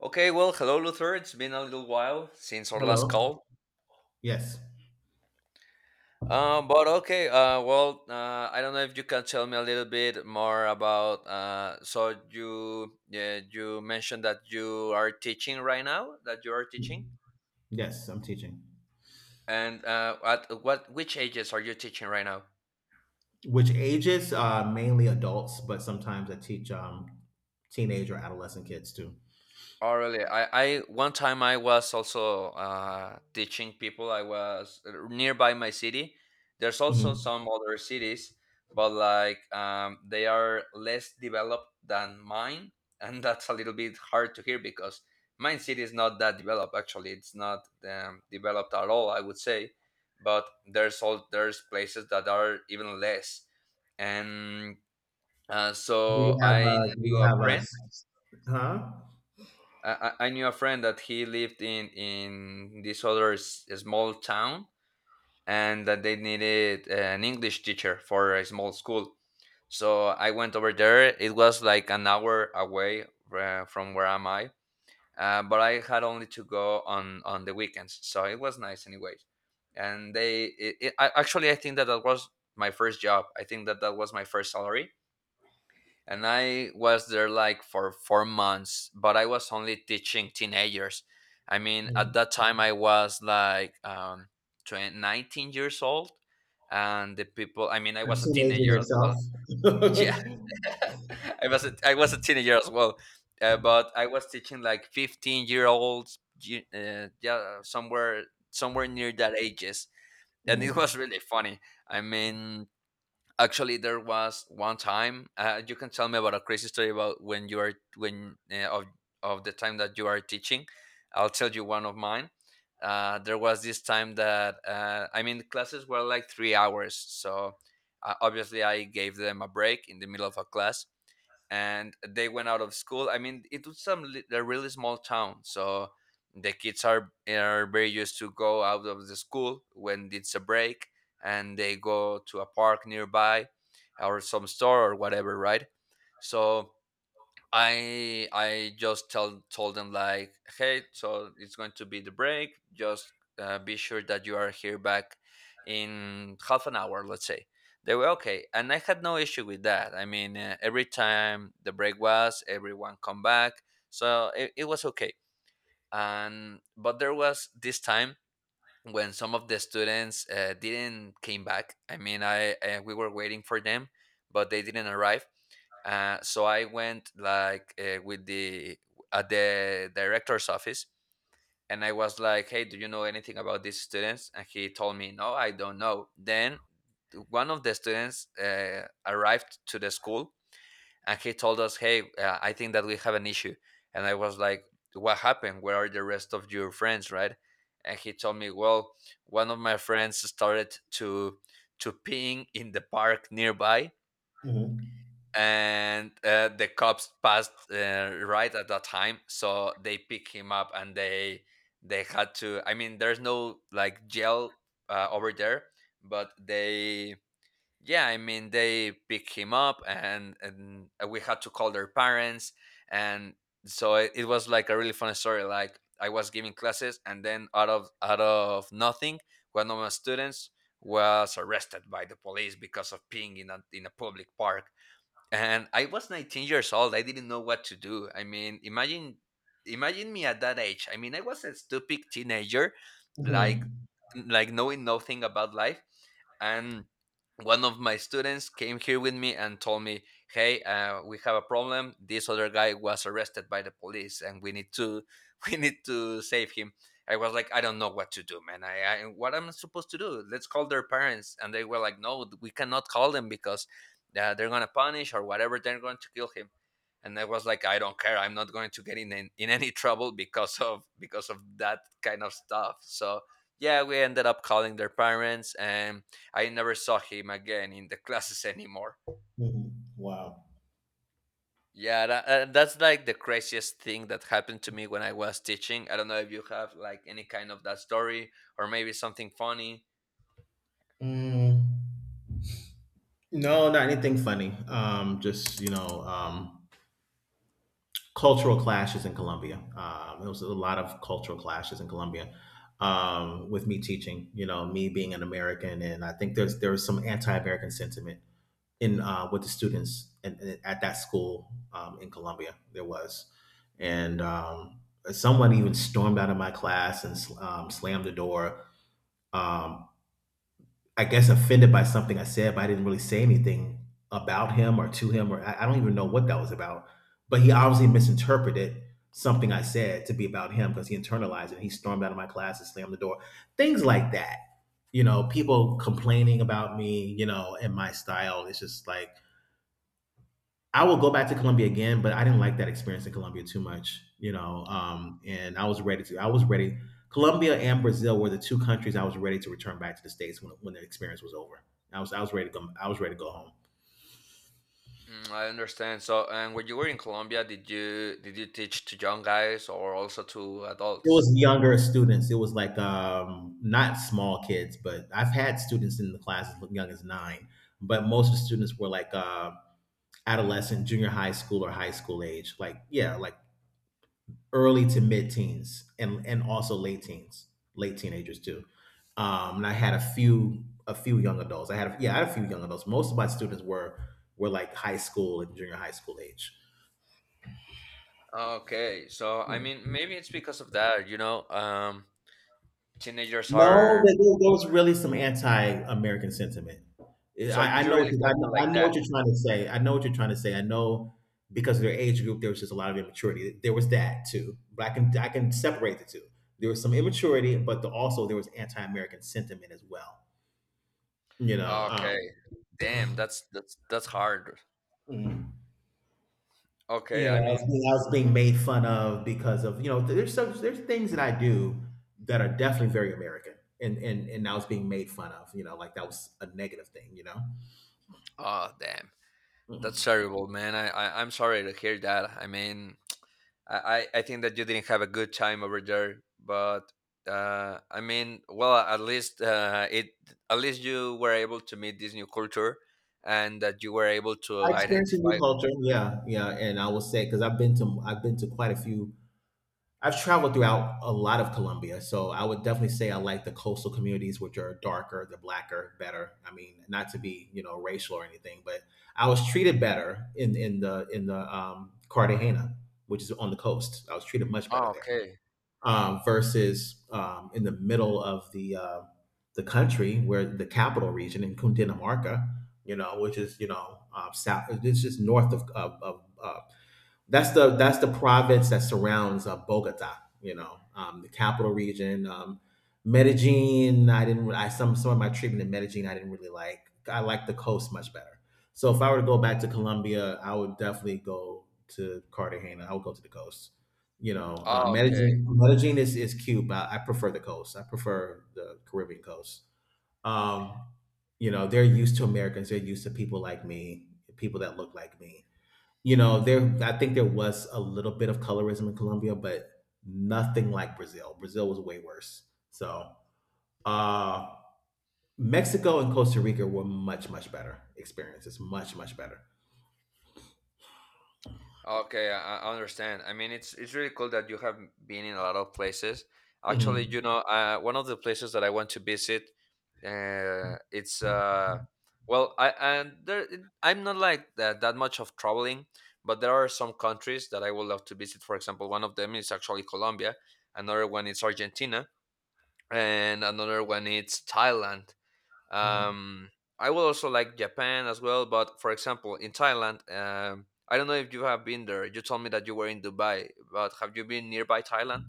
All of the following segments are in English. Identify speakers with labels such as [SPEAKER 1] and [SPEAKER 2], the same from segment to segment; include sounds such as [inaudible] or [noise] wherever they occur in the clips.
[SPEAKER 1] Okay, well, hello, Luther. It's been a little while since our last
[SPEAKER 2] Hello.
[SPEAKER 1] call.
[SPEAKER 2] Yes.
[SPEAKER 1] I don't know if you can tell me a little bit more about. Yeah, you mentioned that you are teaching right now. That you are teaching,
[SPEAKER 2] Yes, I'm teaching.
[SPEAKER 1] and at what which ages are you teaching right now?
[SPEAKER 2] Which ages? Mainly adults, but sometimes I teach teenage or adolescent kids too.
[SPEAKER 1] Oh, really? I one time I was also teaching people. I was nearby my city. There's also
[SPEAKER 2] Mhm.
[SPEAKER 1] some other cities, but they are less developed than mine, [laughs] and that's a little bit hard to hear because mine city is not that developed. Actually, it's not developed at all, I would say, but there's places that are even less, and
[SPEAKER 2] Do you
[SPEAKER 1] so
[SPEAKER 2] have a?
[SPEAKER 1] I
[SPEAKER 2] Do you
[SPEAKER 1] knew a
[SPEAKER 2] have a?
[SPEAKER 1] friend.
[SPEAKER 2] S- Huh?
[SPEAKER 1] I, I knew a friend that he lived in this small town, and that they needed an English teacher for a small school. So I went over there. It was like an hour away from where am I, but I had only to go on the weekends. So it was nice, anyways. And they it, it, I, actually I think that that was my first job. I think that that was my first salary, and I was there like for 4 months, but I was only teaching teenagers. I mean, at
[SPEAKER 2] Mm.
[SPEAKER 1] that time I was like 19 years old, and the people. I mean, I
[SPEAKER 2] A
[SPEAKER 1] was a
[SPEAKER 2] teenager
[SPEAKER 1] teenager as
[SPEAKER 2] yourself?
[SPEAKER 1] well. Yeah,
[SPEAKER 2] [laughs]
[SPEAKER 1] [laughs] I was a teenager as well, but I was teaching like 15-year-olds. Yeah, somewhere near that ages, and it was
[SPEAKER 2] Mm.
[SPEAKER 1] really funny. I mean, actually there was one time. You can tell me about a crazy story about when you are when of the time that you are teaching. I'll tell you one of mine. There was this time that, I mean the classes were like 3 hours, so obviously I gave them a break in the middle of a class, and they went out of school. I mean, it was a really small town, so the kids are very used to go out of the school when it's a break, and they go to a park nearby, or some store or whatever, right? So I just tell told them like, hey, so it's going to be the break. Just be sure that you are here back in half an hour, let's say. They were okay, and I had no issue with that. I mean, every time the break was, everyone come back, so it was okay. And but there was this time when some of the students didn't came back. I mean, I we were waiting for them, but they didn't arrive. So I went like with the at the director's office, and I was like, "Hey, do you know anything about these students?" And he told me, "No, I don't know." Then one of the students arrived to the school and he told us, "Hey, I think that we have an issue." And I was like, "What happened? Where are the rest of your friends?" Right? And he told me, "Well, one of my friends started to peeing in the park nearby,
[SPEAKER 2] Mhm.
[SPEAKER 1] and the cops passed right at that time, so they picked him up and they had to. I mean, there's no like jail over there, but they." Yeah, I mean they pick him up and we had to call their parents, and so it was like a really funny story. Like I was giving classes and then out of nothing one of my students was arrested by the police because of peeing in a public park. And I was 19 years old. I didn't know what to do. I mean, imagine me at that age. I mean, I was a stupid teenager, like
[SPEAKER 2] Mhm.
[SPEAKER 1] like knowing nothing about life. And one of my students came here with me and told me, "Hey, we have a problem. This other guy was arrested by the police, and we need to [laughs] we need to save him." I was like, "I don't know what to do, man. I What am I supposed to do? Let's call their parents." And they were like, "No, we cannot call them because that they're gonna punish or whatever, they're going to kill him." And I was like, I don't care, I'm not going to get in, any [laughs] trouble because of that kind of stuff. So yeah, we ended up calling their parents, and I never saw him again in the [laughs] classes anymore.
[SPEAKER 2] Mhm. Wow.
[SPEAKER 1] That's like the craziest thing that happened to me when I was teaching. I don't know if you have like any kind of that story or maybe something funny.
[SPEAKER 2] Mm. No, not anything funny. Um, just um, cultural clashes in Colombia. There was a lot of cultural clashes in Colombia with me teaching. You know, me being an American, and I think there was some anti-American sentiment in with the students at that school in Colombia. There was, and someone even stormed out of my class and slammed the door. Um, I guess offended by something I said, but I didn't really say anything about him or to him, or I don't even know what that was about. But he obviously misinterpreted something I said to be about him because he internalized it. And he stormed out of my class and slammed the door. Things like that. You know, people complaining about me, you know, and my style. It's just like I will go back to Colombia again, but I didn't like that experience in Colombia too much, you know. And I was ready to. I was ready. Colombia and Brazil were the two countries I was ready to return back to the states when the experience was over. I was ready to go. I was ready to go home.
[SPEAKER 1] Mm, I understand. So, and when you were in Colombia, did you teach to young guys or also to
[SPEAKER 2] It
[SPEAKER 1] adults?
[SPEAKER 2] was younger students. It was like not small kids, but I've had students in the class as young as nine. But most of the students were like adolescent, junior high school, or high school age. Like yeah, like early to mid teens and also late teens, late teenagers too. And I had a few young adults. Yeah, I had a few young adults. Most of my students were like high school and junior high school age.
[SPEAKER 1] Okay, so I mean, maybe it's because of that, you know, teenagers
[SPEAKER 2] No,
[SPEAKER 1] are.
[SPEAKER 2] there was really some anti-American sentiment.
[SPEAKER 1] So you really felt it
[SPEAKER 2] I
[SPEAKER 1] like
[SPEAKER 2] know
[SPEAKER 1] that.
[SPEAKER 2] what you're trying to say. I know what you're trying to say. I know because of their age group, there was just a lot of immaturity. There was that too, but I can separate the two. There was some immaturity, but the, also there was anti-American sentiment as well. You know,
[SPEAKER 1] Okay, damn, that's hard.
[SPEAKER 2] mm,
[SPEAKER 1] Okay,
[SPEAKER 2] you know,
[SPEAKER 1] I mean,
[SPEAKER 2] I was being made fun of because of, you know, there's things that I do that are definitely very American, and I was being made fun of, you know, like that was a negative thing, you know? I
[SPEAKER 1] oh damn, that's terrible, man. I'm sorry to hear that. I mean, I think that you didn't have a good time over there, but I mean, well, at least it at least you were able to meet this new culture, and that you were able to
[SPEAKER 2] experienced a new
[SPEAKER 1] identify.
[SPEAKER 2] culture, yeah, yeah, and I will say because 'cause I've been to quite a few I've traveled throughout a lot of Colombia, so I would definitely say I like the coastal communities, which are darker, the blacker, better. I mean, not to be you know racial or anything, but I was treated better in the Cartagena, which is on the coast. I was treated much better
[SPEAKER 1] Oh,
[SPEAKER 2] there
[SPEAKER 1] okay.
[SPEAKER 2] versus in the middle of the country, where the capital region in Cundinamarca, you know, which is you know south, it's just north of that's the province that surrounds Bogota, you know, the capital region. Medellin, I didn't. I some of my treatment in Medellin, I didn't really like. I like the coast much better. So if I were to go back to Colombia, I would definitely go to Cartagena. I would go to the coast. You know,
[SPEAKER 1] Oh, okay.
[SPEAKER 2] Medellin, Medellin is cute, but I prefer the coast. I prefer the Caribbean coast. Um, you know, they're used to Americans. They're used to people like me, people that look like me you know, there I think there was a little bit of colorism in Colombia, but nothing like Brazil. Brazil was way worse. So, uh Mexico and Costa Rica were much much better experiences, much much better.
[SPEAKER 1] Okay, I understand. I mean, it's really cool that you have been in a lot of places. Actually, you
[SPEAKER 2] Mhm.
[SPEAKER 1] know, one of the places that I want to visit, it's well, I and there, it- I'm not like that much of traveling, but there are some countries that I would love to visit. For example, one of them is actually Colombia, another one is Argentina, and another one is Thailand.
[SPEAKER 2] Mm.
[SPEAKER 1] Um, I will also like Japan as well, but for example, in Thailand, I don't know if you have been there. You told me that you were in Dubai, but have you been nearby Thailand?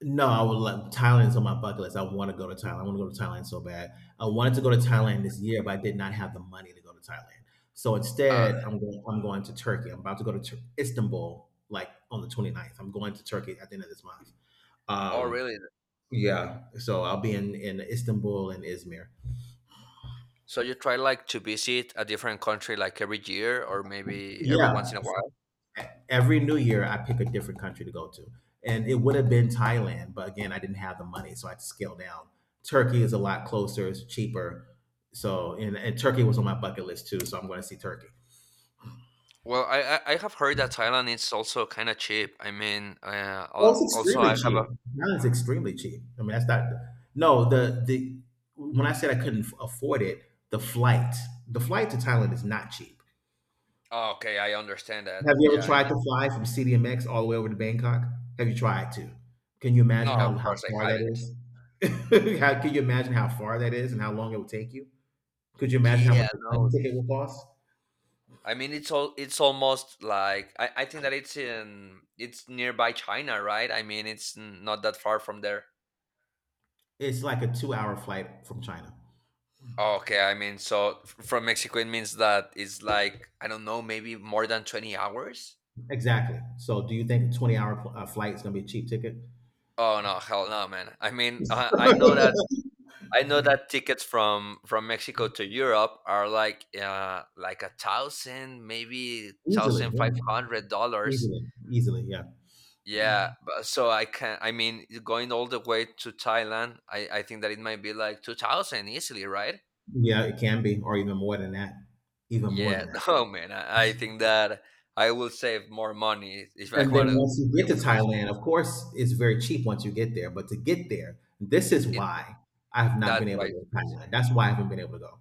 [SPEAKER 2] No, I would love Thailand's on my bucket list. I want to go to Thailand. I want to go to Thailand so bad. I wanted to go to Thailand this year, but I did not have the money to go to Thailand. So
[SPEAKER 1] Uh,
[SPEAKER 2] instead, I'm going. I'm going to Turkey. I'm about to go to Istanbul, like on the 29th. I'm going to Turkey at the end of this month.
[SPEAKER 1] oh,
[SPEAKER 2] Um,
[SPEAKER 1] really?
[SPEAKER 2] Yeah, so I'll be in Istanbul and Izmir.
[SPEAKER 1] So you try like to visit a different country like every year or maybe every
[SPEAKER 2] Yeah,
[SPEAKER 1] once in a while?
[SPEAKER 2] e- every New Year I pick a different country to go to, and it would have been Thailand, but again I didn't have the money, so I had to scale down. Turkey is a lot closer, it's cheaper, so and Turkey was on my bucket list too, so I'm going to see Turkey.
[SPEAKER 1] Well, I have heard that Thailand is also kind of cheap. I mean,
[SPEAKER 2] Well, it's
[SPEAKER 1] also
[SPEAKER 2] extremely
[SPEAKER 1] I have a.
[SPEAKER 2] cheap. Now it's extremely cheap. I mean, that's not no the when I said I couldn't afford it, the flight the flight to Thailand is not cheap.
[SPEAKER 1] Oh, okay, I understand
[SPEAKER 2] Have
[SPEAKER 1] that.
[SPEAKER 2] you ever
[SPEAKER 1] Yeah, I
[SPEAKER 2] tried
[SPEAKER 1] mean,
[SPEAKER 2] to fly from CDMX all the way over to Bangkok? Have you tried to? Can you imagine
[SPEAKER 1] no, of
[SPEAKER 2] how
[SPEAKER 1] course I
[SPEAKER 2] far that
[SPEAKER 1] haven't.
[SPEAKER 2] is? [laughs] How can you imagine how far that is and how long it would take you? Could you imagine how much
[SPEAKER 1] Yeah,
[SPEAKER 2] a plane
[SPEAKER 1] no,
[SPEAKER 2] ticket would cost?
[SPEAKER 1] I mean, it's almost like I think that it's nearby China, right? I mean, not that far from there.
[SPEAKER 2] It's like a two-hour flight from China.
[SPEAKER 1] Okay, I mean, so from Mexico it means that it's like I don't know, maybe more than 20 hours.
[SPEAKER 2] Exactly. So do you think a 20-hour flight is gonna be a cheap ticket?
[SPEAKER 1] Oh no, hell no, man. I mean, I know that tickets from Mexico to Europe are like a thousand, maybe
[SPEAKER 2] Easily,
[SPEAKER 1] thousand
[SPEAKER 2] yeah.
[SPEAKER 1] five hundred dollars.
[SPEAKER 2] Easily. Easily, yeah.
[SPEAKER 1] Yeah, but so I can. I mean, going all the way to Thailand, I think that it might be like 2,000 easily, right?
[SPEAKER 2] Yeah, it can be, or even more than that. Even more
[SPEAKER 1] Yeah.
[SPEAKER 2] than that.
[SPEAKER 1] [laughs] Oh man, I think that I will save more money if I
[SPEAKER 2] And then
[SPEAKER 1] want to.
[SPEAKER 2] once
[SPEAKER 1] If
[SPEAKER 2] you
[SPEAKER 1] I
[SPEAKER 2] get to
[SPEAKER 1] want to visit.
[SPEAKER 2] Thailand, of course, it's very cheap once you get there. But to get there, this is
[SPEAKER 1] It,
[SPEAKER 2] why I have not
[SPEAKER 1] that's
[SPEAKER 2] been
[SPEAKER 1] why
[SPEAKER 2] able to
[SPEAKER 1] it's
[SPEAKER 2] go to
[SPEAKER 1] expensive.
[SPEAKER 2] Thailand. That's why I haven't been able to go.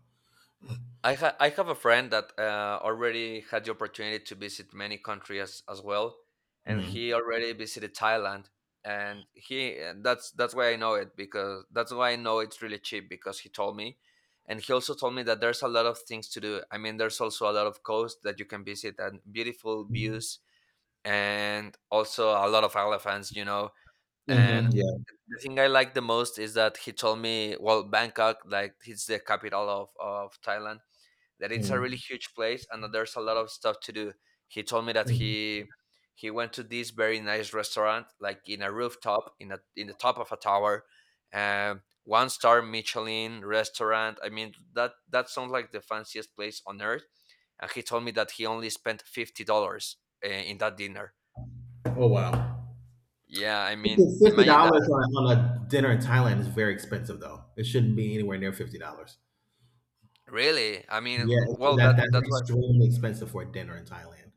[SPEAKER 1] I have a friend that already had the opportunity to visit many countries as well, and
[SPEAKER 2] Hmm.
[SPEAKER 1] he already visited Thailand, and he and that's why I know it, because that's why I know it's really cheap, because he told me, and he also told me that there's a lot of things to do. I mean, there's also a lot of coast that you can visit and beautiful views, and also a lot of elephants, you know,
[SPEAKER 2] Hmm.
[SPEAKER 1] and.
[SPEAKER 2] Yeah.
[SPEAKER 1] The thing I like the most is that he told me, well, Bangkok, like it's the capital of Thailand, that it's a really
[SPEAKER 2] Mhm.
[SPEAKER 1] huge place and that there's a lot of stuff to do. He told me that
[SPEAKER 2] Mm.
[SPEAKER 1] he went to this very nice restaurant, like in a rooftop, in a in the top of a tower, one star Michelin restaurant. I mean, that that sounds like the fanciest place on earth. And he told me that he only spent $50 in that dinner.
[SPEAKER 2] Oh wow.
[SPEAKER 1] Yeah, I mean,
[SPEAKER 2] Fifty
[SPEAKER 1] imagine
[SPEAKER 2] dollars
[SPEAKER 1] that.
[SPEAKER 2] on a dinner in Thailand is very expensive, though. It shouldn't be anywhere near $50.
[SPEAKER 1] Really, I
[SPEAKER 2] Yeah,
[SPEAKER 1] mean, well, that
[SPEAKER 2] that that's
[SPEAKER 1] that's what.
[SPEAKER 2] extremely expensive for a dinner in Thailand.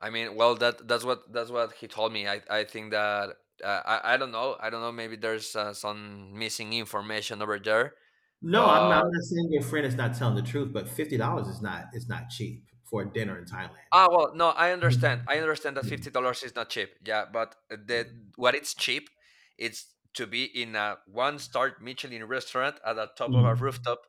[SPEAKER 1] I mean, well, that's what he told me. I think that I don't know. I don't know. Maybe there's some missing information over there.
[SPEAKER 2] No,
[SPEAKER 1] But
[SPEAKER 2] I'm not saying your friend is not telling the truth, but $50 is not cheap for a dinner in Thailand.
[SPEAKER 1] ah, well, no, I understand.
[SPEAKER 2] Mhm.
[SPEAKER 1] I understand that $50 is not cheap. Yeah, but the what it's cheap, it's to be in a one-star Michelin restaurant at the top of a
[SPEAKER 2] Mm.
[SPEAKER 1] rooftop.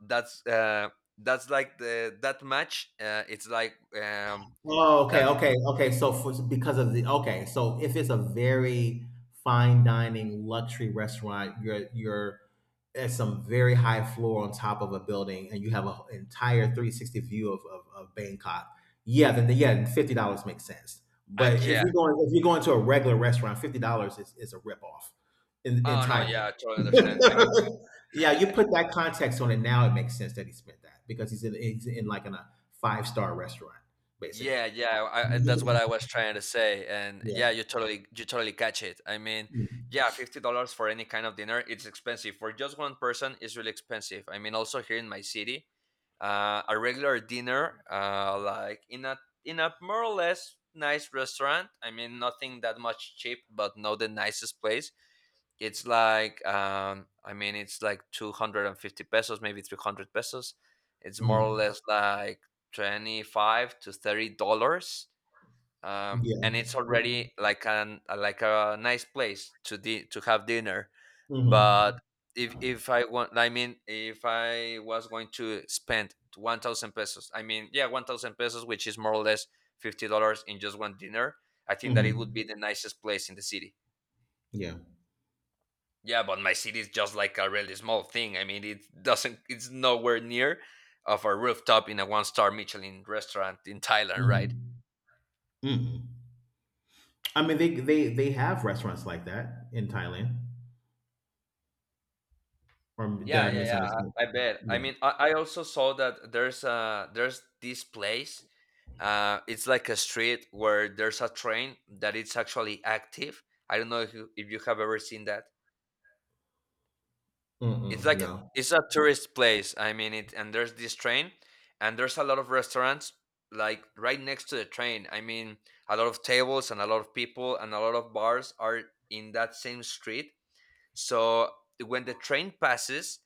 [SPEAKER 1] That's uh, that's like the that match. It's like
[SPEAKER 2] Oh, okay,
[SPEAKER 1] that.
[SPEAKER 2] okay, okay. So for, because of the okay, so if it's a very fine dining luxury restaurant, you're at some very high floor on top of a building, and you have an entire 360 view of Bangkok. Yeah, then the, yeah, then $50 makes sense.
[SPEAKER 1] Uh,
[SPEAKER 2] But
[SPEAKER 1] yeah.
[SPEAKER 2] if you're going to a regular restaurant, $50 is a ripoff in,
[SPEAKER 1] Oh no.
[SPEAKER 2] entirely.
[SPEAKER 1] Yeah, I totally understand.
[SPEAKER 2] [laughs]
[SPEAKER 1] [laughs]
[SPEAKER 2] Yeah, you put that context on it. Now it makes sense that he spent that because he's in like in a five-star restaurant basically.
[SPEAKER 1] Yeah, that's what
[SPEAKER 2] Mhm.
[SPEAKER 1] I was trying to say, and yeah,
[SPEAKER 2] Yeah.
[SPEAKER 1] you totally catch it. Yeah, $50 for any kind of dinner, it's expensive. For just one person, it's really expensive. I mean, also here in my city, a regular dinner, like in a more or less nice restaurant. I mean, nothing that much cheap, but not the nicest place. It's like I mean, it's like 250 pesos, maybe 300 pesos. It's more or
[SPEAKER 2] Mhm.
[SPEAKER 1] less like 25 to 30 dollars. And
[SPEAKER 2] Yeah.
[SPEAKER 1] it's already like an like a nice place to have dinner. But
[SPEAKER 2] Mhm.
[SPEAKER 1] if I want, I mean, if I was going to spend 1,000 pesos, I mean, yeah, 1,000 pesos, which is more or less $50 in just one dinner, I think that it would
[SPEAKER 2] Mhm.
[SPEAKER 1] be the nicest place in the city.
[SPEAKER 2] Yeah.
[SPEAKER 1] Yeah, but my city is just like a really small thing. I mean, it doesn't. It's nowhere near of a rooftop in a one-star Michelin restaurant in Thailand, right?
[SPEAKER 2] Mhm. Mhm. I mean, they have restaurants like that in Thailand, or did
[SPEAKER 1] Yeah,
[SPEAKER 2] I
[SPEAKER 1] yeah, yeah.
[SPEAKER 2] misunderstand?
[SPEAKER 1] I bet.
[SPEAKER 2] Mm.
[SPEAKER 1] I also saw that there's this place. It's like a street where there's a train that it's actually active. I don't know if you have ever seen that. It's
[SPEAKER 2] Mm-mm.
[SPEAKER 1] like a,
[SPEAKER 2] No.
[SPEAKER 1] it's a tourist place. And there's this train, and there's a lot of restaurants like right next to the train. I mean, a lot of tables and a lot of people and a lot of bars are in that same street. So when the train passes,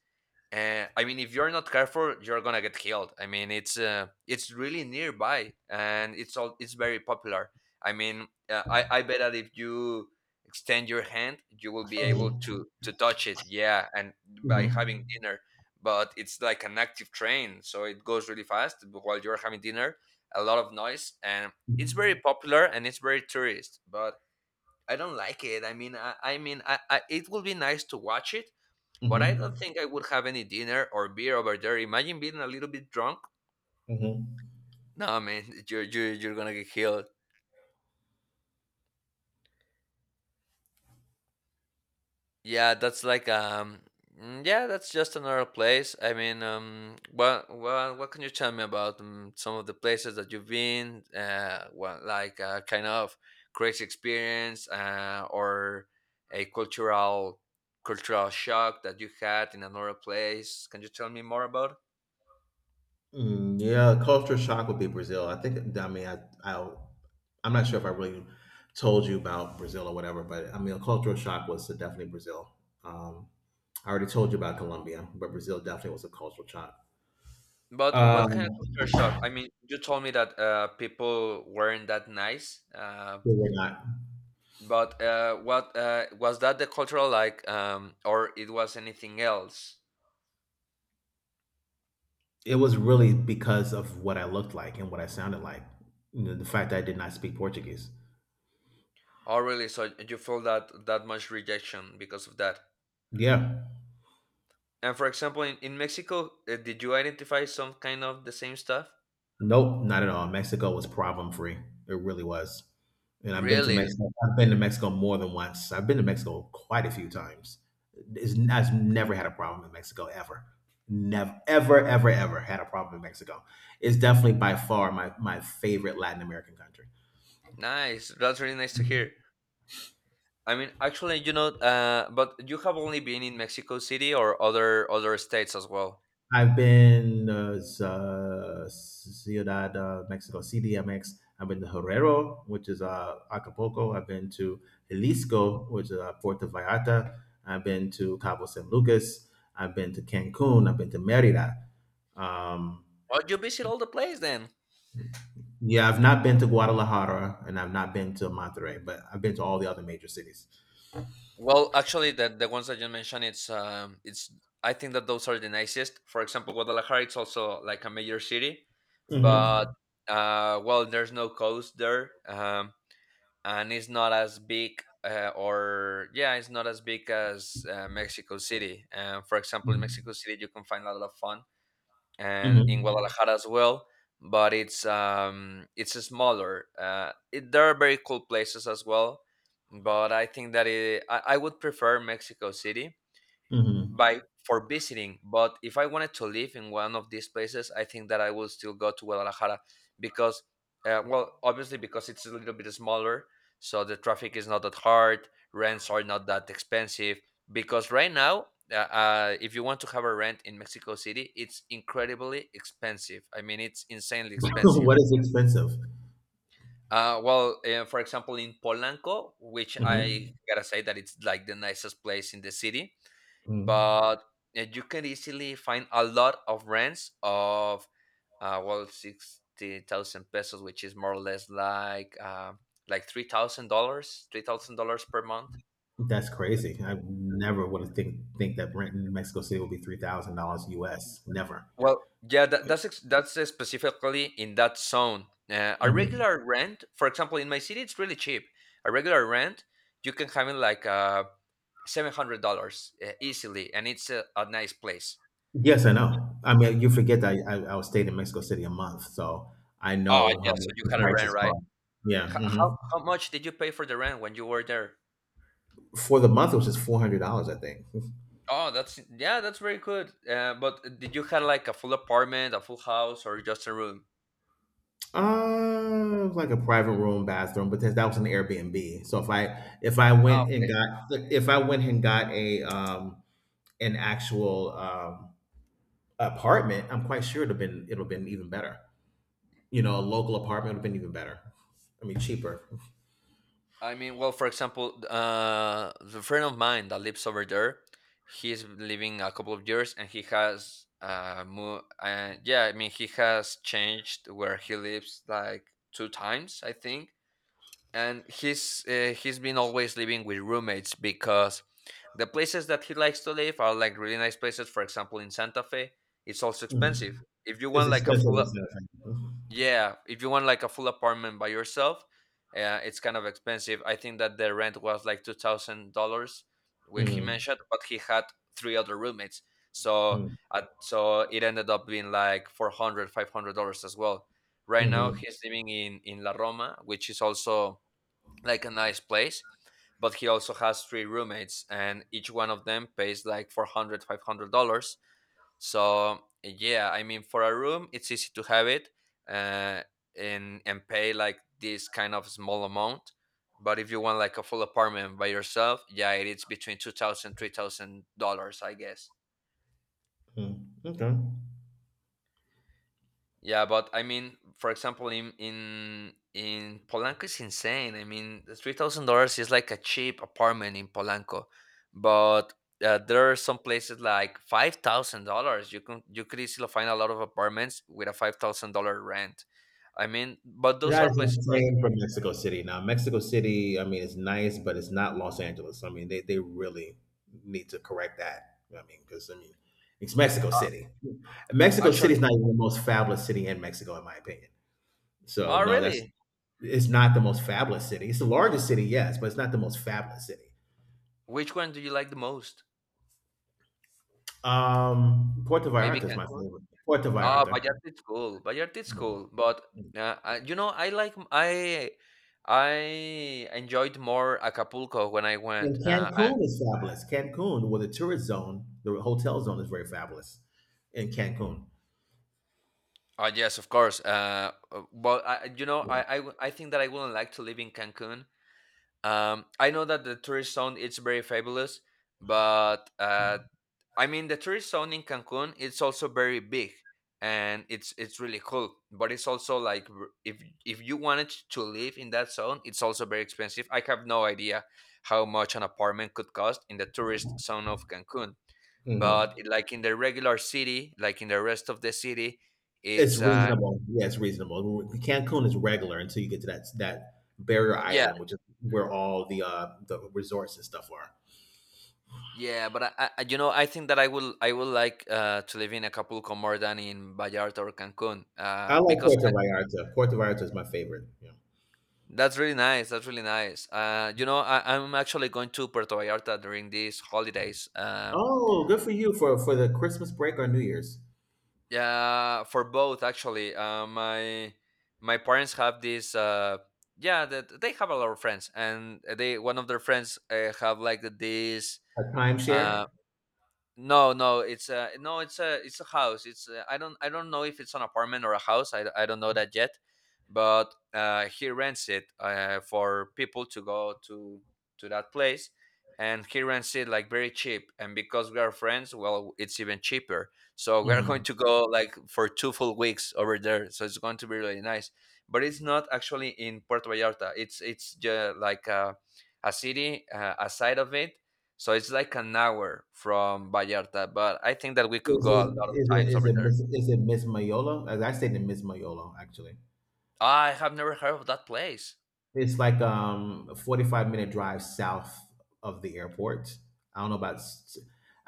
[SPEAKER 1] I mean, if you're not careful, you're gonna get killed. I mean, it's really nearby, and it's very popular. I mean, I bet that if you extend your hand, you will be able
[SPEAKER 2] Mhm.
[SPEAKER 1] to touch it. Yeah, and by
[SPEAKER 2] Mhm.
[SPEAKER 1] having dinner, but it's like an active train, so it goes really fast while you're having dinner. A lot of noise, and it's very popular and it's very tourist. But. I don't like it. I mean, it will be nice to watch it, but I don't
[SPEAKER 2] Mhm.
[SPEAKER 1] think I would have any dinner or beer over there. Imagine being a little bit drunk.
[SPEAKER 2] Mhm.
[SPEAKER 1] No, man, [laughs] you're gonna get killed. Yeah, yeah, that's just another place. I mean, what can you tell me about some of the places that you've been? What like kind of crazy experience, or a cultural shock that you had in another place? Can you tell me more about?
[SPEAKER 2] Mm, yeah, culture shock would be Brazil. I think. I, I'm not sure if I really told you about Brazil or whatever, but I mean, cultural shock was definitely Brazil. Um, I already told you about Colombia, but Brazil definitely was a cultural shock.
[SPEAKER 1] But what kind of
[SPEAKER 2] Um,
[SPEAKER 1] culture shock? I mean, you told me that people weren't that nice.
[SPEAKER 2] they were not.
[SPEAKER 1] But what was that the cultural like, or it was anything else?
[SPEAKER 2] It was really because of what I looked like and what I sounded like. You know, the fact that I did not speak Portuguese.
[SPEAKER 1] Oh, really? So you felt that that much rejection because of that?
[SPEAKER 2] Yeah.
[SPEAKER 1] And for example, in Mexico, did you identify some kind of the same stuff?
[SPEAKER 2] Nope, not at all. Mexico was problem free. It really was. And I've been to
[SPEAKER 1] Really
[SPEAKER 2] Mexico. I've been to Mexico more than once. I've been to Mexico quite a few times. It's, I've never had a problem in Mexico ever. Never, ever, ever, ever had a problem in Mexico. It's definitely by far my favorite Latin American country.
[SPEAKER 1] nice. That's really nice to hear. I mean, actually, you know, but you have only been in Mexico City or other states as well.
[SPEAKER 2] Ciudad, Mexico, CDMX. I've been to Herrero, which is Acapulco. I've been to
[SPEAKER 1] Mm.
[SPEAKER 2] Jalisco, which is Puerto Vallarta. I've been to Cabo San Lucas. I've been to Cancun. I've been to Merida. Um,
[SPEAKER 1] Oh, you visit all the place then.
[SPEAKER 2] yeah, I've not been to Guadalajara and I've not been to Monterrey, but I've been to all the other major cities.
[SPEAKER 1] Well, actually, the ones that you mentioned, it's I think that those are the nicest. For example, Guadalajara, it's also like a major city, but
[SPEAKER 2] Hmm.
[SPEAKER 1] well, there's no coast there, and it's not as big. Or yeah, it's not as big as Mexico City. For example, in Mexico City, you can find a lot of fun and in
[SPEAKER 2] Hmm.
[SPEAKER 1] Guadalajara as well. But it's smaller. There are very cool places as well, but I think that I would prefer Mexico City
[SPEAKER 2] Hmm.
[SPEAKER 1] by for visiting. But if I wanted to live in one of these places, I think that I will still go to Guadalajara because well, obviously because it's a little bit smaller, so the traffic is not that hard, rents are not that expensive, because right now if you want to have a rent in Mexico City, it's incredibly expensive. I mean, it's insanely
[SPEAKER 2] [laughs]
[SPEAKER 1] expensive.
[SPEAKER 2] What is expensive?
[SPEAKER 1] For example, in Polanco, which I
[SPEAKER 2] Hmm.
[SPEAKER 1] gotta say that it's like the nicest place in the city,
[SPEAKER 2] Hmm.
[SPEAKER 1] but you can easily find a lot of rents of well, 60,000 pesos, which is more or less like $3,000, $3,000 per month.
[SPEAKER 2] That's crazy. I never would have think that rent in Mexico City would be $3,000 US. Never.
[SPEAKER 1] Well, yeah, that's specifically in that zone. A
[SPEAKER 2] Mhm.
[SPEAKER 1] regular rent, for example, in my city, it's really cheap. A regular rent, you can have it like $700 easily, and it's a nice place.
[SPEAKER 2] Yes, I know. I mean, you forget that I stayed in Mexico City a month, so I
[SPEAKER 1] Oh
[SPEAKER 2] know
[SPEAKER 1] yeah,
[SPEAKER 2] how
[SPEAKER 1] so
[SPEAKER 2] much
[SPEAKER 1] you
[SPEAKER 2] the
[SPEAKER 1] had a rent,
[SPEAKER 2] prices
[SPEAKER 1] right?
[SPEAKER 2] are. Yeah.
[SPEAKER 1] H- how
[SPEAKER 2] Hmm.
[SPEAKER 1] how much did you pay for the rent when you were there?
[SPEAKER 2] For the month it was just $400, I think.
[SPEAKER 1] Oh, that's, yeah, that's very good. But did you have like a full apartment, a full house, or just a room?
[SPEAKER 2] Like a private room, bathroom, but that was an Airbnb. So if I
[SPEAKER 1] Ah,
[SPEAKER 2] went and
[SPEAKER 1] okay.
[SPEAKER 2] got if I went and got a an actual apartment, I'm quite sure it'd have been even better. A local apartment would have been even better. I mean, cheaper.
[SPEAKER 1] I mean, well, for example, the friend of mine that lives over there, he's living a couple of years, and yeah, I mean, he has changed where he lives like two times, I think. And he's been always living with roommates because the places that he likes to live are like really nice places. For example, in Santa Fe, it's also
[SPEAKER 2] Mm.
[SPEAKER 1] expensive if you
[SPEAKER 2] It's
[SPEAKER 1] want like
[SPEAKER 2] expensive as San.
[SPEAKER 1] yeah, if you want like a full apartment by yourself, it's kind of expensive. I think that the rent was like $2000 when he
[SPEAKER 2] Mm-hmm.
[SPEAKER 1] mentioned, but he had three other roommates. So
[SPEAKER 2] mm
[SPEAKER 1] so it ended up being like four hundred, 500 dollars as well. Right now
[SPEAKER 2] Mm-hmm.
[SPEAKER 1] he's living in La Roma, which is also like a nice place, but he also has three roommates and each one of them pays like 400, $500. So yeah, I mean, for a room it's easy to have it, uh, and pay like this kind of small amount. But if you want like a full apartment by yourself, yeah, it's between 2,000, $3,000, I guess.
[SPEAKER 2] Okay.
[SPEAKER 1] Yeah, but I mean, for example, in Polanco is insane. I mean, $3,000 is like a cheap apartment in Polanco, but there are some places like $5,000. You could easily find a lot of apartments with a $5,000 rent. I mean, but those
[SPEAKER 2] That
[SPEAKER 1] are
[SPEAKER 2] is
[SPEAKER 1] places like
[SPEAKER 2] insane from Mexico City. Now, Mexico City, I mean, it's nice, but it's not Los Angeles. I mean, they really need to correct that. I mean, because, I mean, it's Mexico
[SPEAKER 1] uh,
[SPEAKER 2] City. Mexico City is
[SPEAKER 1] actually.
[SPEAKER 2] not even the most fabulous city in Mexico, in my opinion. So,
[SPEAKER 1] Oh,
[SPEAKER 2] no, that's,
[SPEAKER 1] really?
[SPEAKER 2] it's not the most fabulous city. It's the largest city, yes, but it's not the most fabulous city.
[SPEAKER 1] Which one do you like the most?
[SPEAKER 2] Puerto
[SPEAKER 1] Maybe
[SPEAKER 2] Vallarta is my
[SPEAKER 1] Cancun.
[SPEAKER 2] favorite. Puerto
[SPEAKER 1] Ah,
[SPEAKER 2] Vallarta.
[SPEAKER 1] Vallarta is cool. Vallarta is cool, but you know, I enjoyed more Acapulco when I
[SPEAKER 2] And
[SPEAKER 1] went.
[SPEAKER 2] Cancun is fabulous. Cancun, well, the tourist zone, the hotel zone is very fabulous in Cancun.
[SPEAKER 1] Oh yes, of course. You know,
[SPEAKER 2] Yeah.
[SPEAKER 1] I think that I wouldn't like to live in Cancun. I know that the tourist zone it's very fabulous, but I mean, the tourist zone in Cancun it's also very big, and it's really cool. But it's also like if you wanted to live in that zone, it's also very expensive. I have no idea how much an apartment could cost in the tourist zone of Cancun. But
[SPEAKER 2] Mhm.
[SPEAKER 1] like in the regular city, like in the rest of the city,
[SPEAKER 2] It's
[SPEAKER 1] it's
[SPEAKER 2] reasonable. Yeah, it's reasonable. Cancun is regular until you get to that barrier
[SPEAKER 1] yeah,
[SPEAKER 2] island, which is where all the resorts and stuff are.
[SPEAKER 1] yeah. But you know, I think that I will like to live in Acapulco more than in Vallarta or Cancun
[SPEAKER 2] I like
[SPEAKER 1] because...
[SPEAKER 2] Puerto Vallarta. Puerto Vallarta is my favorite. Yeah.
[SPEAKER 1] That's really nice. That's really nice. You know, I, I'm actually going to Puerto Vallarta during these holidays.
[SPEAKER 2] Oh, good for you for the Christmas break or New Year's.
[SPEAKER 1] Yeah, for both actually. My my parents have this. Yeah, that they have a lot of friends, and they one of their friends have like this.
[SPEAKER 2] A timeshare.
[SPEAKER 1] Uh. No, no, it's a no, it's a house. It's I don't know if it's an apartment or a house. I don't know that yet, but he rents it for people to go to that place, and he rents it like very cheap. And because we are friends, well, it's even cheaper. So we are going
[SPEAKER 2] Mhm.
[SPEAKER 1] to go like for two full weeks over there. So it's going to be really nice. But it's not actually in Puerto Vallarta. It's just like a city aside of it, so it's like an hour from Vallarta, but I think that we could
[SPEAKER 2] Is
[SPEAKER 1] go a
[SPEAKER 2] it
[SPEAKER 1] lot of
[SPEAKER 2] is it
[SPEAKER 1] times over there.
[SPEAKER 2] Is it Miss Mayola? As I say, to Miss Mayola actually.
[SPEAKER 1] I have never heard of that place.
[SPEAKER 2] It's like a 45 minute drive south of the airport. I don't know about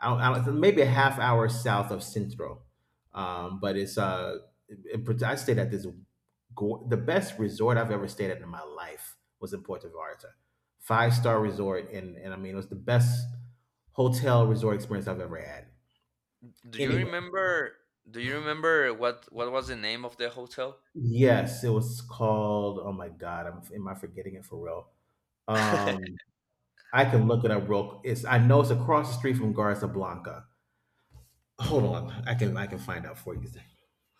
[SPEAKER 2] I don't, maybe a half hour south of Centro, but it's I stayed at this the best resort I've ever stayed at in my life was in Puerto Vallarta, five star resort, and I mean it was the best hotel resort experience I've ever had.
[SPEAKER 1] Do you
[SPEAKER 2] Anyway.
[SPEAKER 1] remember? Do you remember what was the name of the hotel?
[SPEAKER 2] Yes, it was called, oh my God, I'm, am I forgetting it for real?
[SPEAKER 1] [laughs]
[SPEAKER 2] Um, I can look it up real. It's I know it's across the street from Garza Blanca. Hold on, I can find out for you.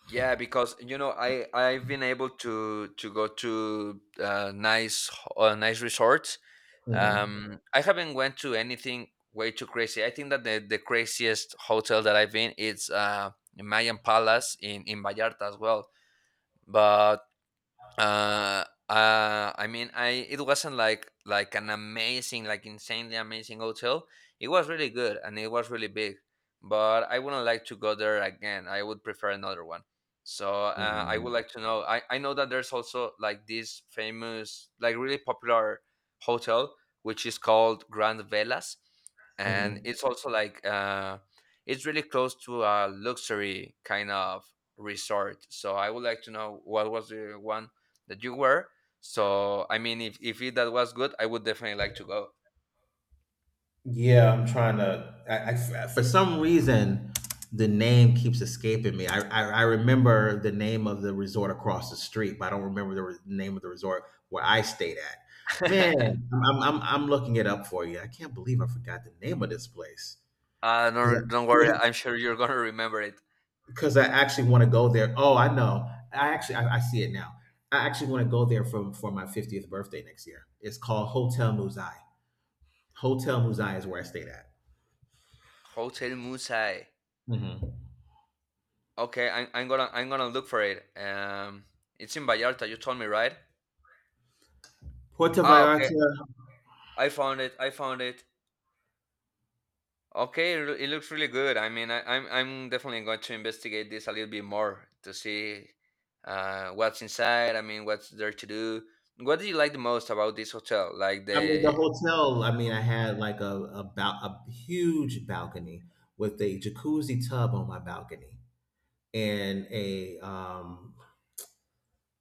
[SPEAKER 1] Yeah, because I've been able to go to nice nice resorts.
[SPEAKER 2] Mhm,
[SPEAKER 1] I haven't went to anything way too crazy. I think that the craziest hotel that I've been it's Mayan Palace in Vallarta as well. But I mean, I it wasn't like an amazing, like insanely amazing hotel. It was really good and it was really big, but I wouldn't like to go there again. I would prefer another one. So I would
[SPEAKER 2] mhm,
[SPEAKER 1] like to know. I know that there's also like this famous, like really popular hotel which is called Grand Velas, and
[SPEAKER 2] mhm.
[SPEAKER 1] it's also like it's really close to a luxury kind of resort. So I would like to know what was the one that you were. So I mean, if it, that was good, I would definitely like to go.
[SPEAKER 2] Yeah, I'm trying to. For some reason, the name keeps escaping me. I remember the name of the resort across the street, but I don't remember the name of the resort where I stayed at. Man,
[SPEAKER 1] [laughs]
[SPEAKER 2] I'm looking it up for you. I can't believe I forgot the name of this place.
[SPEAKER 1] No,
[SPEAKER 2] because
[SPEAKER 1] don't worry.
[SPEAKER 2] I,
[SPEAKER 1] I'm sure you're gonna remember it.
[SPEAKER 2] because I actually want to go there. Oh, I know. I see it now. I actually want to go there for my 50th birthday next year. It's called Hotel Muzai. Hotel Muzai is where I stayed at.
[SPEAKER 1] Hotel Musai.
[SPEAKER 2] Hmm
[SPEAKER 1] Okay, I'm gonna look for it. It's in Vallarta. You told me, right?
[SPEAKER 2] Puerto
[SPEAKER 1] Ah, okay.
[SPEAKER 2] Vallarta.
[SPEAKER 1] I found it. I found it. Okay, it it looks really good. I mean, I'm definitely going to investigate this a little bit more to see what's inside. I mean, what's there to do. What do you like the most about this hotel? Like
[SPEAKER 2] I mean, the
[SPEAKER 1] the
[SPEAKER 2] hotel. I mean, I had like a huge balcony with a jacuzzi tub on my balcony and a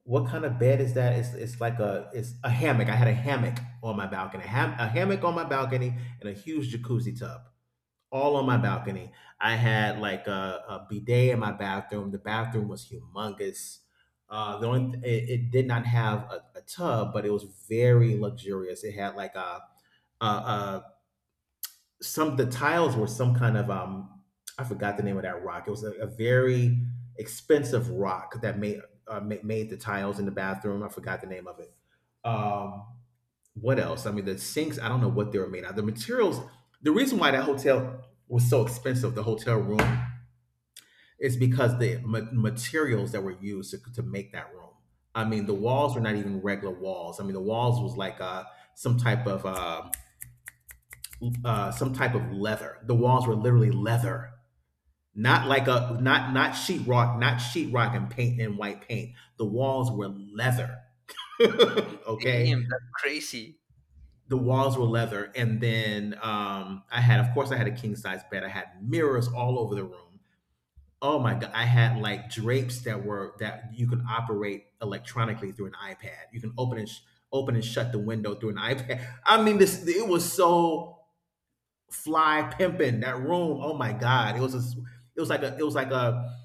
[SPEAKER 2] what kind of bed is that? It's like a it's a hammock. I had a hammock on my balcony. A hammock on my balcony and a huge jacuzzi tub all on my balcony. I had like a bidet in my bathroom. The bathroom was humongous. It, it did not have a tub, but it was very luxurious. It had like a, some the tiles were some kind of I forgot the name of that rock. It was a very expensive rock that made made the tiles in the bathroom. I forgot the name of it. Um, what else? I mean, the sinks. I don't know what they were made out. Of. The materials. The reason why that hotel was so expensive, the hotel room, is because the materials that were used to make that room. I mean, the walls were not even regular walls. I mean, the walls was like some type of uh, some type of leather. The walls were literally leather. Not like a not not sheetrock, not sheetrock and paint and white paint. The walls were leather. [laughs] Okay,
[SPEAKER 1] damn, that's crazy.
[SPEAKER 2] the walls were leather, and then I had, of course, I had a king size bed. I had mirrors all over the room. Oh my god, I had like drapes that were that you could operate electronically through an iPad. You can open and shut the window through an [laughs] iPad. I mean, this it was so fly pimping that room. Oh my god, it was a, it was like a it was like a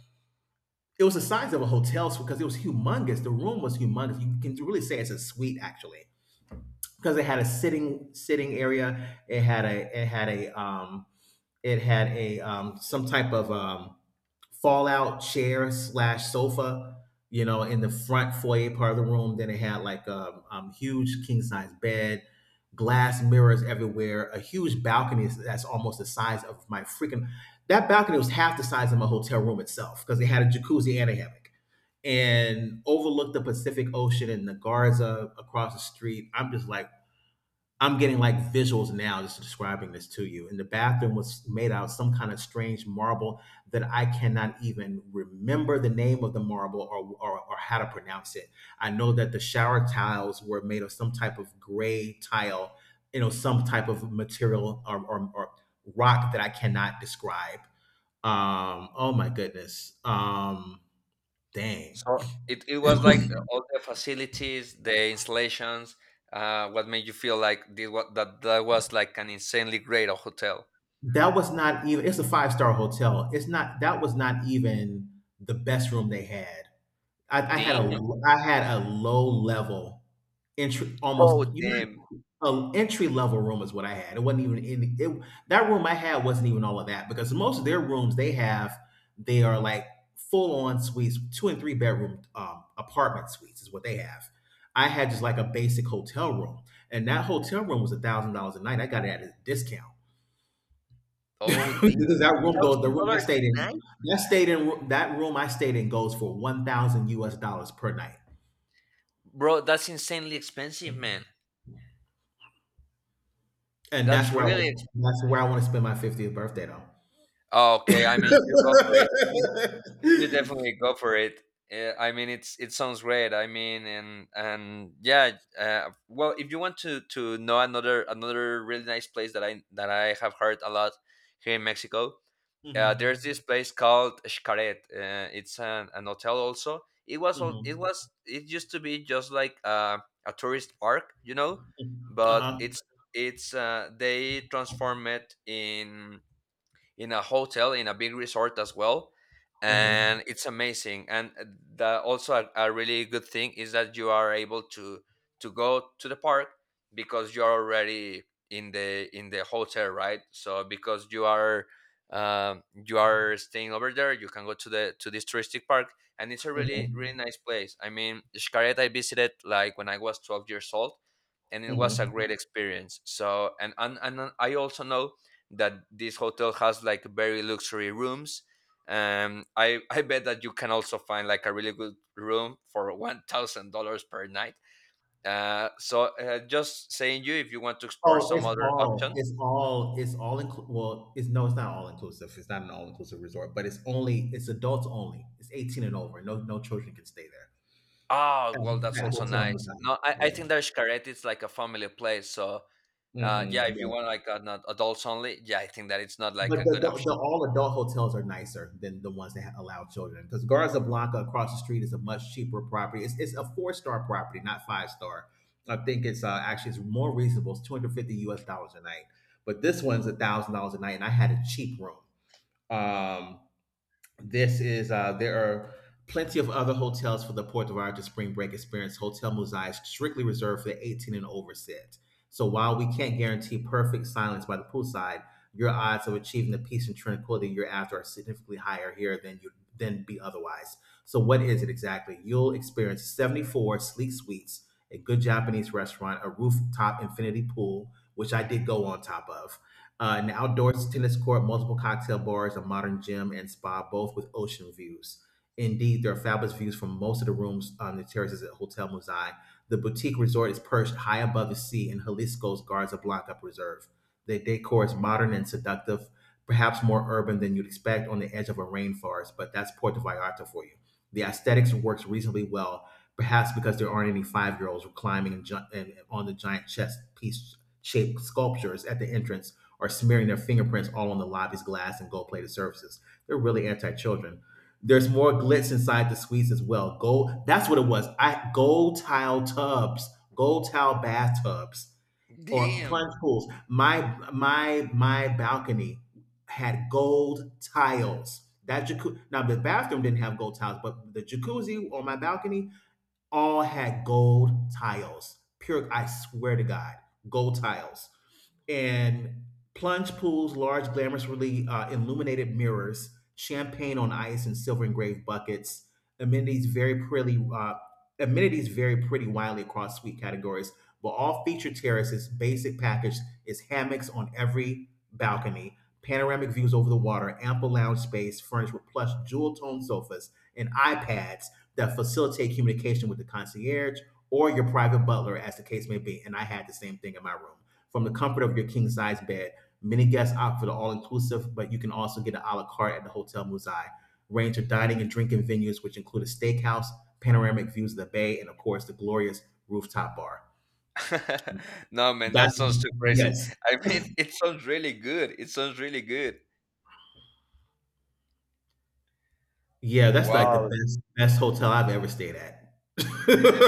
[SPEAKER 2] It was the size of a hotel suite because it was humongous. The room was humongous. You can really say it's a suite actually because it had a sitting area. It had a it had a it had a some type of fallout chair slash sofa, you know, in the front foyer part of the room. Then it had like a huge king size bed, glass mirrors everywhere, a huge balcony that's almost the size of my freaking. That balcony was half the size of my hotel room itself because it had a jacuzzi and a hammock and overlooked the Pacific Ocean and the Garza across the street. I'm just like, I'm getting like visuals now just describing this to you. And the bathroom was made out of some kind of strange marble that I cannot even remember the name of the marble or how to pronounce it. I know that the shower tiles were made of some type of gray tile, you know, some type of material or rock that I cannot describe. Oh my goodness. Dang.
[SPEAKER 1] So it was like all the facilities, the installations. What made you feel like this, what, that was like an insanely great hotel?
[SPEAKER 2] That was not even, it's a five-star hotel. It's not, that was not even the best room they had. I, I had a
[SPEAKER 1] Damn.
[SPEAKER 2] I had a low level entry, almost
[SPEAKER 1] Oh
[SPEAKER 2] you
[SPEAKER 1] damn.
[SPEAKER 2] might entry level room is what I had. It wasn't even in it, that room I had wasn't even all of that because most of their rooms they have they are like full on suites, two and three bedroom apartment suites is what they have. I had just like a basic hotel room, and that hotel room was $1,000 a night. I got it at a discount [laughs]
[SPEAKER 1] Oh
[SPEAKER 2] because
[SPEAKER 1] damn.
[SPEAKER 2] that room goes the
[SPEAKER 1] Thousand
[SPEAKER 2] room I
[SPEAKER 1] dollars
[SPEAKER 2] stayed
[SPEAKER 1] a
[SPEAKER 2] in.
[SPEAKER 1] night,
[SPEAKER 2] That stayed in that room I stayed in goes for 1,000 US dollars per night.
[SPEAKER 1] bro. That's insanely expensive, man.
[SPEAKER 2] And that's
[SPEAKER 1] That's
[SPEAKER 2] where I was,
[SPEAKER 1] really. Ex-
[SPEAKER 2] that's where I want to spend my 50th birthday though.
[SPEAKER 1] oh, okay, I mean, you go for it. [laughs] You
[SPEAKER 2] [laughs]
[SPEAKER 1] definitely go for it. I mean, it's it sounds great. I mean, and yeah. Well, if you want to know another really nice place that I have heard a lot here in Mexico, there's
[SPEAKER 2] Mhm,
[SPEAKER 1] this place called Xcaret. It's an hotel also. It was it
[SPEAKER 2] mhm,
[SPEAKER 1] was it used to be just like a tourist park, you know,
[SPEAKER 2] mm,
[SPEAKER 1] but
[SPEAKER 2] uh-huh,
[SPEAKER 1] it's they transform it in a hotel in a big resort as well
[SPEAKER 2] mhm,
[SPEAKER 1] and it's amazing, and the also a really good thing is that you are able to go to the park because you're already in the hotel, right? So because you are staying over there, you can go to the to this touristic park, and it's a really
[SPEAKER 2] mhm,
[SPEAKER 1] really nice place. I mean Xcaret, I visited like when I was 12 years old and it was a
[SPEAKER 2] mhm.
[SPEAKER 1] great experience. So and I also know that this hotel has like very luxury rooms. I bet that you can also find like a really good room for $1,000 per night. So just saying, you if you want to explore
[SPEAKER 2] Oh,
[SPEAKER 1] some other options.
[SPEAKER 2] it's all well, it's no, it's not all inclusive. It's not an all inclusive resort, but it's only, it's adults only. It's 18 and over. No, no children can stay there.
[SPEAKER 1] Ah, well, that's
[SPEAKER 2] At
[SPEAKER 1] also
[SPEAKER 2] Hotel
[SPEAKER 1] nice.
[SPEAKER 2] Mazai.
[SPEAKER 1] No, I think there's Xcaret. It's like a family place. So
[SPEAKER 2] Yeah.
[SPEAKER 1] yeah, if you
[SPEAKER 2] Mm-mm.
[SPEAKER 1] want like an adults only, yeah, I think that it's not like
[SPEAKER 2] But
[SPEAKER 1] a good option.
[SPEAKER 2] the all adult hotels are nicer than the ones that allow children because Garza Blanca across the street is a much cheaper property. It's a four-star property, not five star. I think it's actually it's more reasonable. It's 250 US dollars a night, but this one's $1,000 a night, and I had a cheap room. Um, this is there are plenty of other hotels for the Puerto Vallarta spring break experience. Hotel Musai is strictly reserved for the 18 and over set. So while we can't guarantee perfect silence by the poolside, your odds of achieving the peace and tranquility year after are significantly higher here than you would than be otherwise. So what is it exactly? You'll experience 74 sleek suites, a good Japanese restaurant, a rooftop infinity pool, which I did go on top of, an outdoor tennis court, multiple cocktail bars, a modern gym, and spa, both with ocean views. Indeed, there are fabulous views from most of the rooms on the terraces at Hotel Muzai. The boutique resort is perched high above the sea in Jalisco's Garza Blanca Preserve. The decor is modern and seductive, perhaps more urban than you'd expect on the edge of a rainforest, but that's Puerto Vallarta for you. The aesthetics works reasonably well, perhaps because there aren't any five-year-olds climbing and, ju- and on the giant chess piece shaped sculptures at the entrance are smearing their fingerprints all on the lobby's glass and gold plated surfaces. They're really anti children. There's more glitz inside the suites as well. Gold, that's what it was. I gold tile tubs, gold tile bathtubs, or
[SPEAKER 1] Damn.
[SPEAKER 2] plunge pools. My balcony had gold tiles. That jacuzzi. Now the bathroom didn't have gold tiles, but the jacuzzi on my balcony all had gold tiles. Pure, I swear to God, gold tiles and plunge pools, large, glamorously illuminated mirrors, champagne on ice, and silver engraved buckets. Amenities very pretty. Amenities vary pretty widely across suite categories, but all feature terraces basic package is hammocks on every balcony, panoramic views over the water, ample lounge space furnished with plush jewel toned sofas and iPads that facilitate communication with the concierge or your private butler, as the case may be. And I had the same thing in my room from the comfort of your king size bed. Many guests opt for the all inclusive, but you can also get an a la carte at the Hotel Muzai. Range of dining and drinking venues, which include a steakhouse, panoramic views of the bay, and of course, the glorious rooftop bar.
[SPEAKER 1] [laughs] No, man, that
[SPEAKER 2] That's,
[SPEAKER 1] sounds too crazy.
[SPEAKER 2] yes.
[SPEAKER 1] I mean, it sounds really good. It sounds really good.
[SPEAKER 2] Yeah, that's like the
[SPEAKER 1] Wow.
[SPEAKER 2] best, best hotel I've ever stayed at.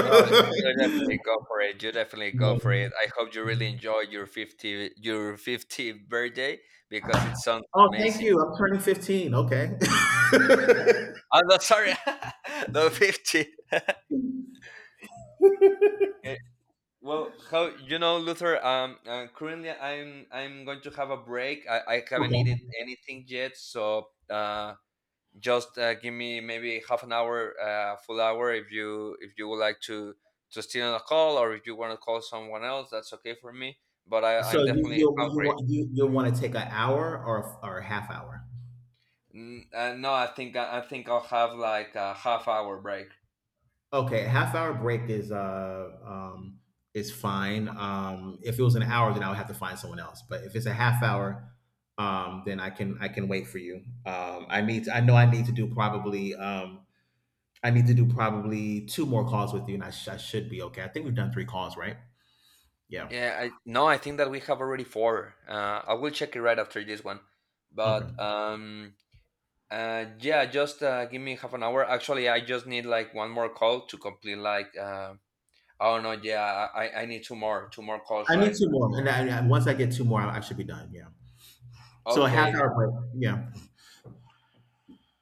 [SPEAKER 1] No, you definitely go for it. You definitely go for it. I hope you really enjoy your 50 your 50th birthday because it sounds
[SPEAKER 2] Oh, thank
[SPEAKER 1] amazing.
[SPEAKER 2] you. I'm turning 15. Okay. [laughs]
[SPEAKER 1] Oh, no, sorry, [laughs] no, 50. Eh, well, how you know, Luther? Currently I'm going to have a break. I haven't
[SPEAKER 2] Okay.
[SPEAKER 1] eaten anything yet, so just give me maybe half an hour, full hour, if you would like to steal on a call or if you want to call someone else, that's okay for me. But
[SPEAKER 2] So
[SPEAKER 1] I'm definitely hungry.
[SPEAKER 2] you want to take an hour or a half hour?
[SPEAKER 1] No, I think I'll have like a half hour break.
[SPEAKER 2] Okay, a half hour break is fine. If it was an hour then I would have to find someone else. But if it's a half hour, then I can wait for you. I need to, I know I need to do probably I need to do probably 2 more calls with you and I should be okay. I think we've done 3 calls, right? Yeah.
[SPEAKER 1] Yeah, I no, I think that we have already four. I will check it right after this one. But
[SPEAKER 2] Okay.
[SPEAKER 1] yeah, just give me half an hour. Actually, I just need like one more call to complete like oh no, yeah, I need two more calls,
[SPEAKER 2] I need
[SPEAKER 1] right?
[SPEAKER 2] 2 more. And once I get 2 more I should be done. Yeah. So a half
[SPEAKER 1] Okay,
[SPEAKER 2] hour break. Yeah.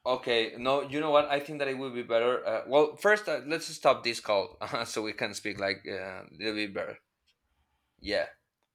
[SPEAKER 1] okay. No, you know what? I think that it will be better. Well, first, let's stop this call [laughs] so we can speak like a little bit better. Yeah.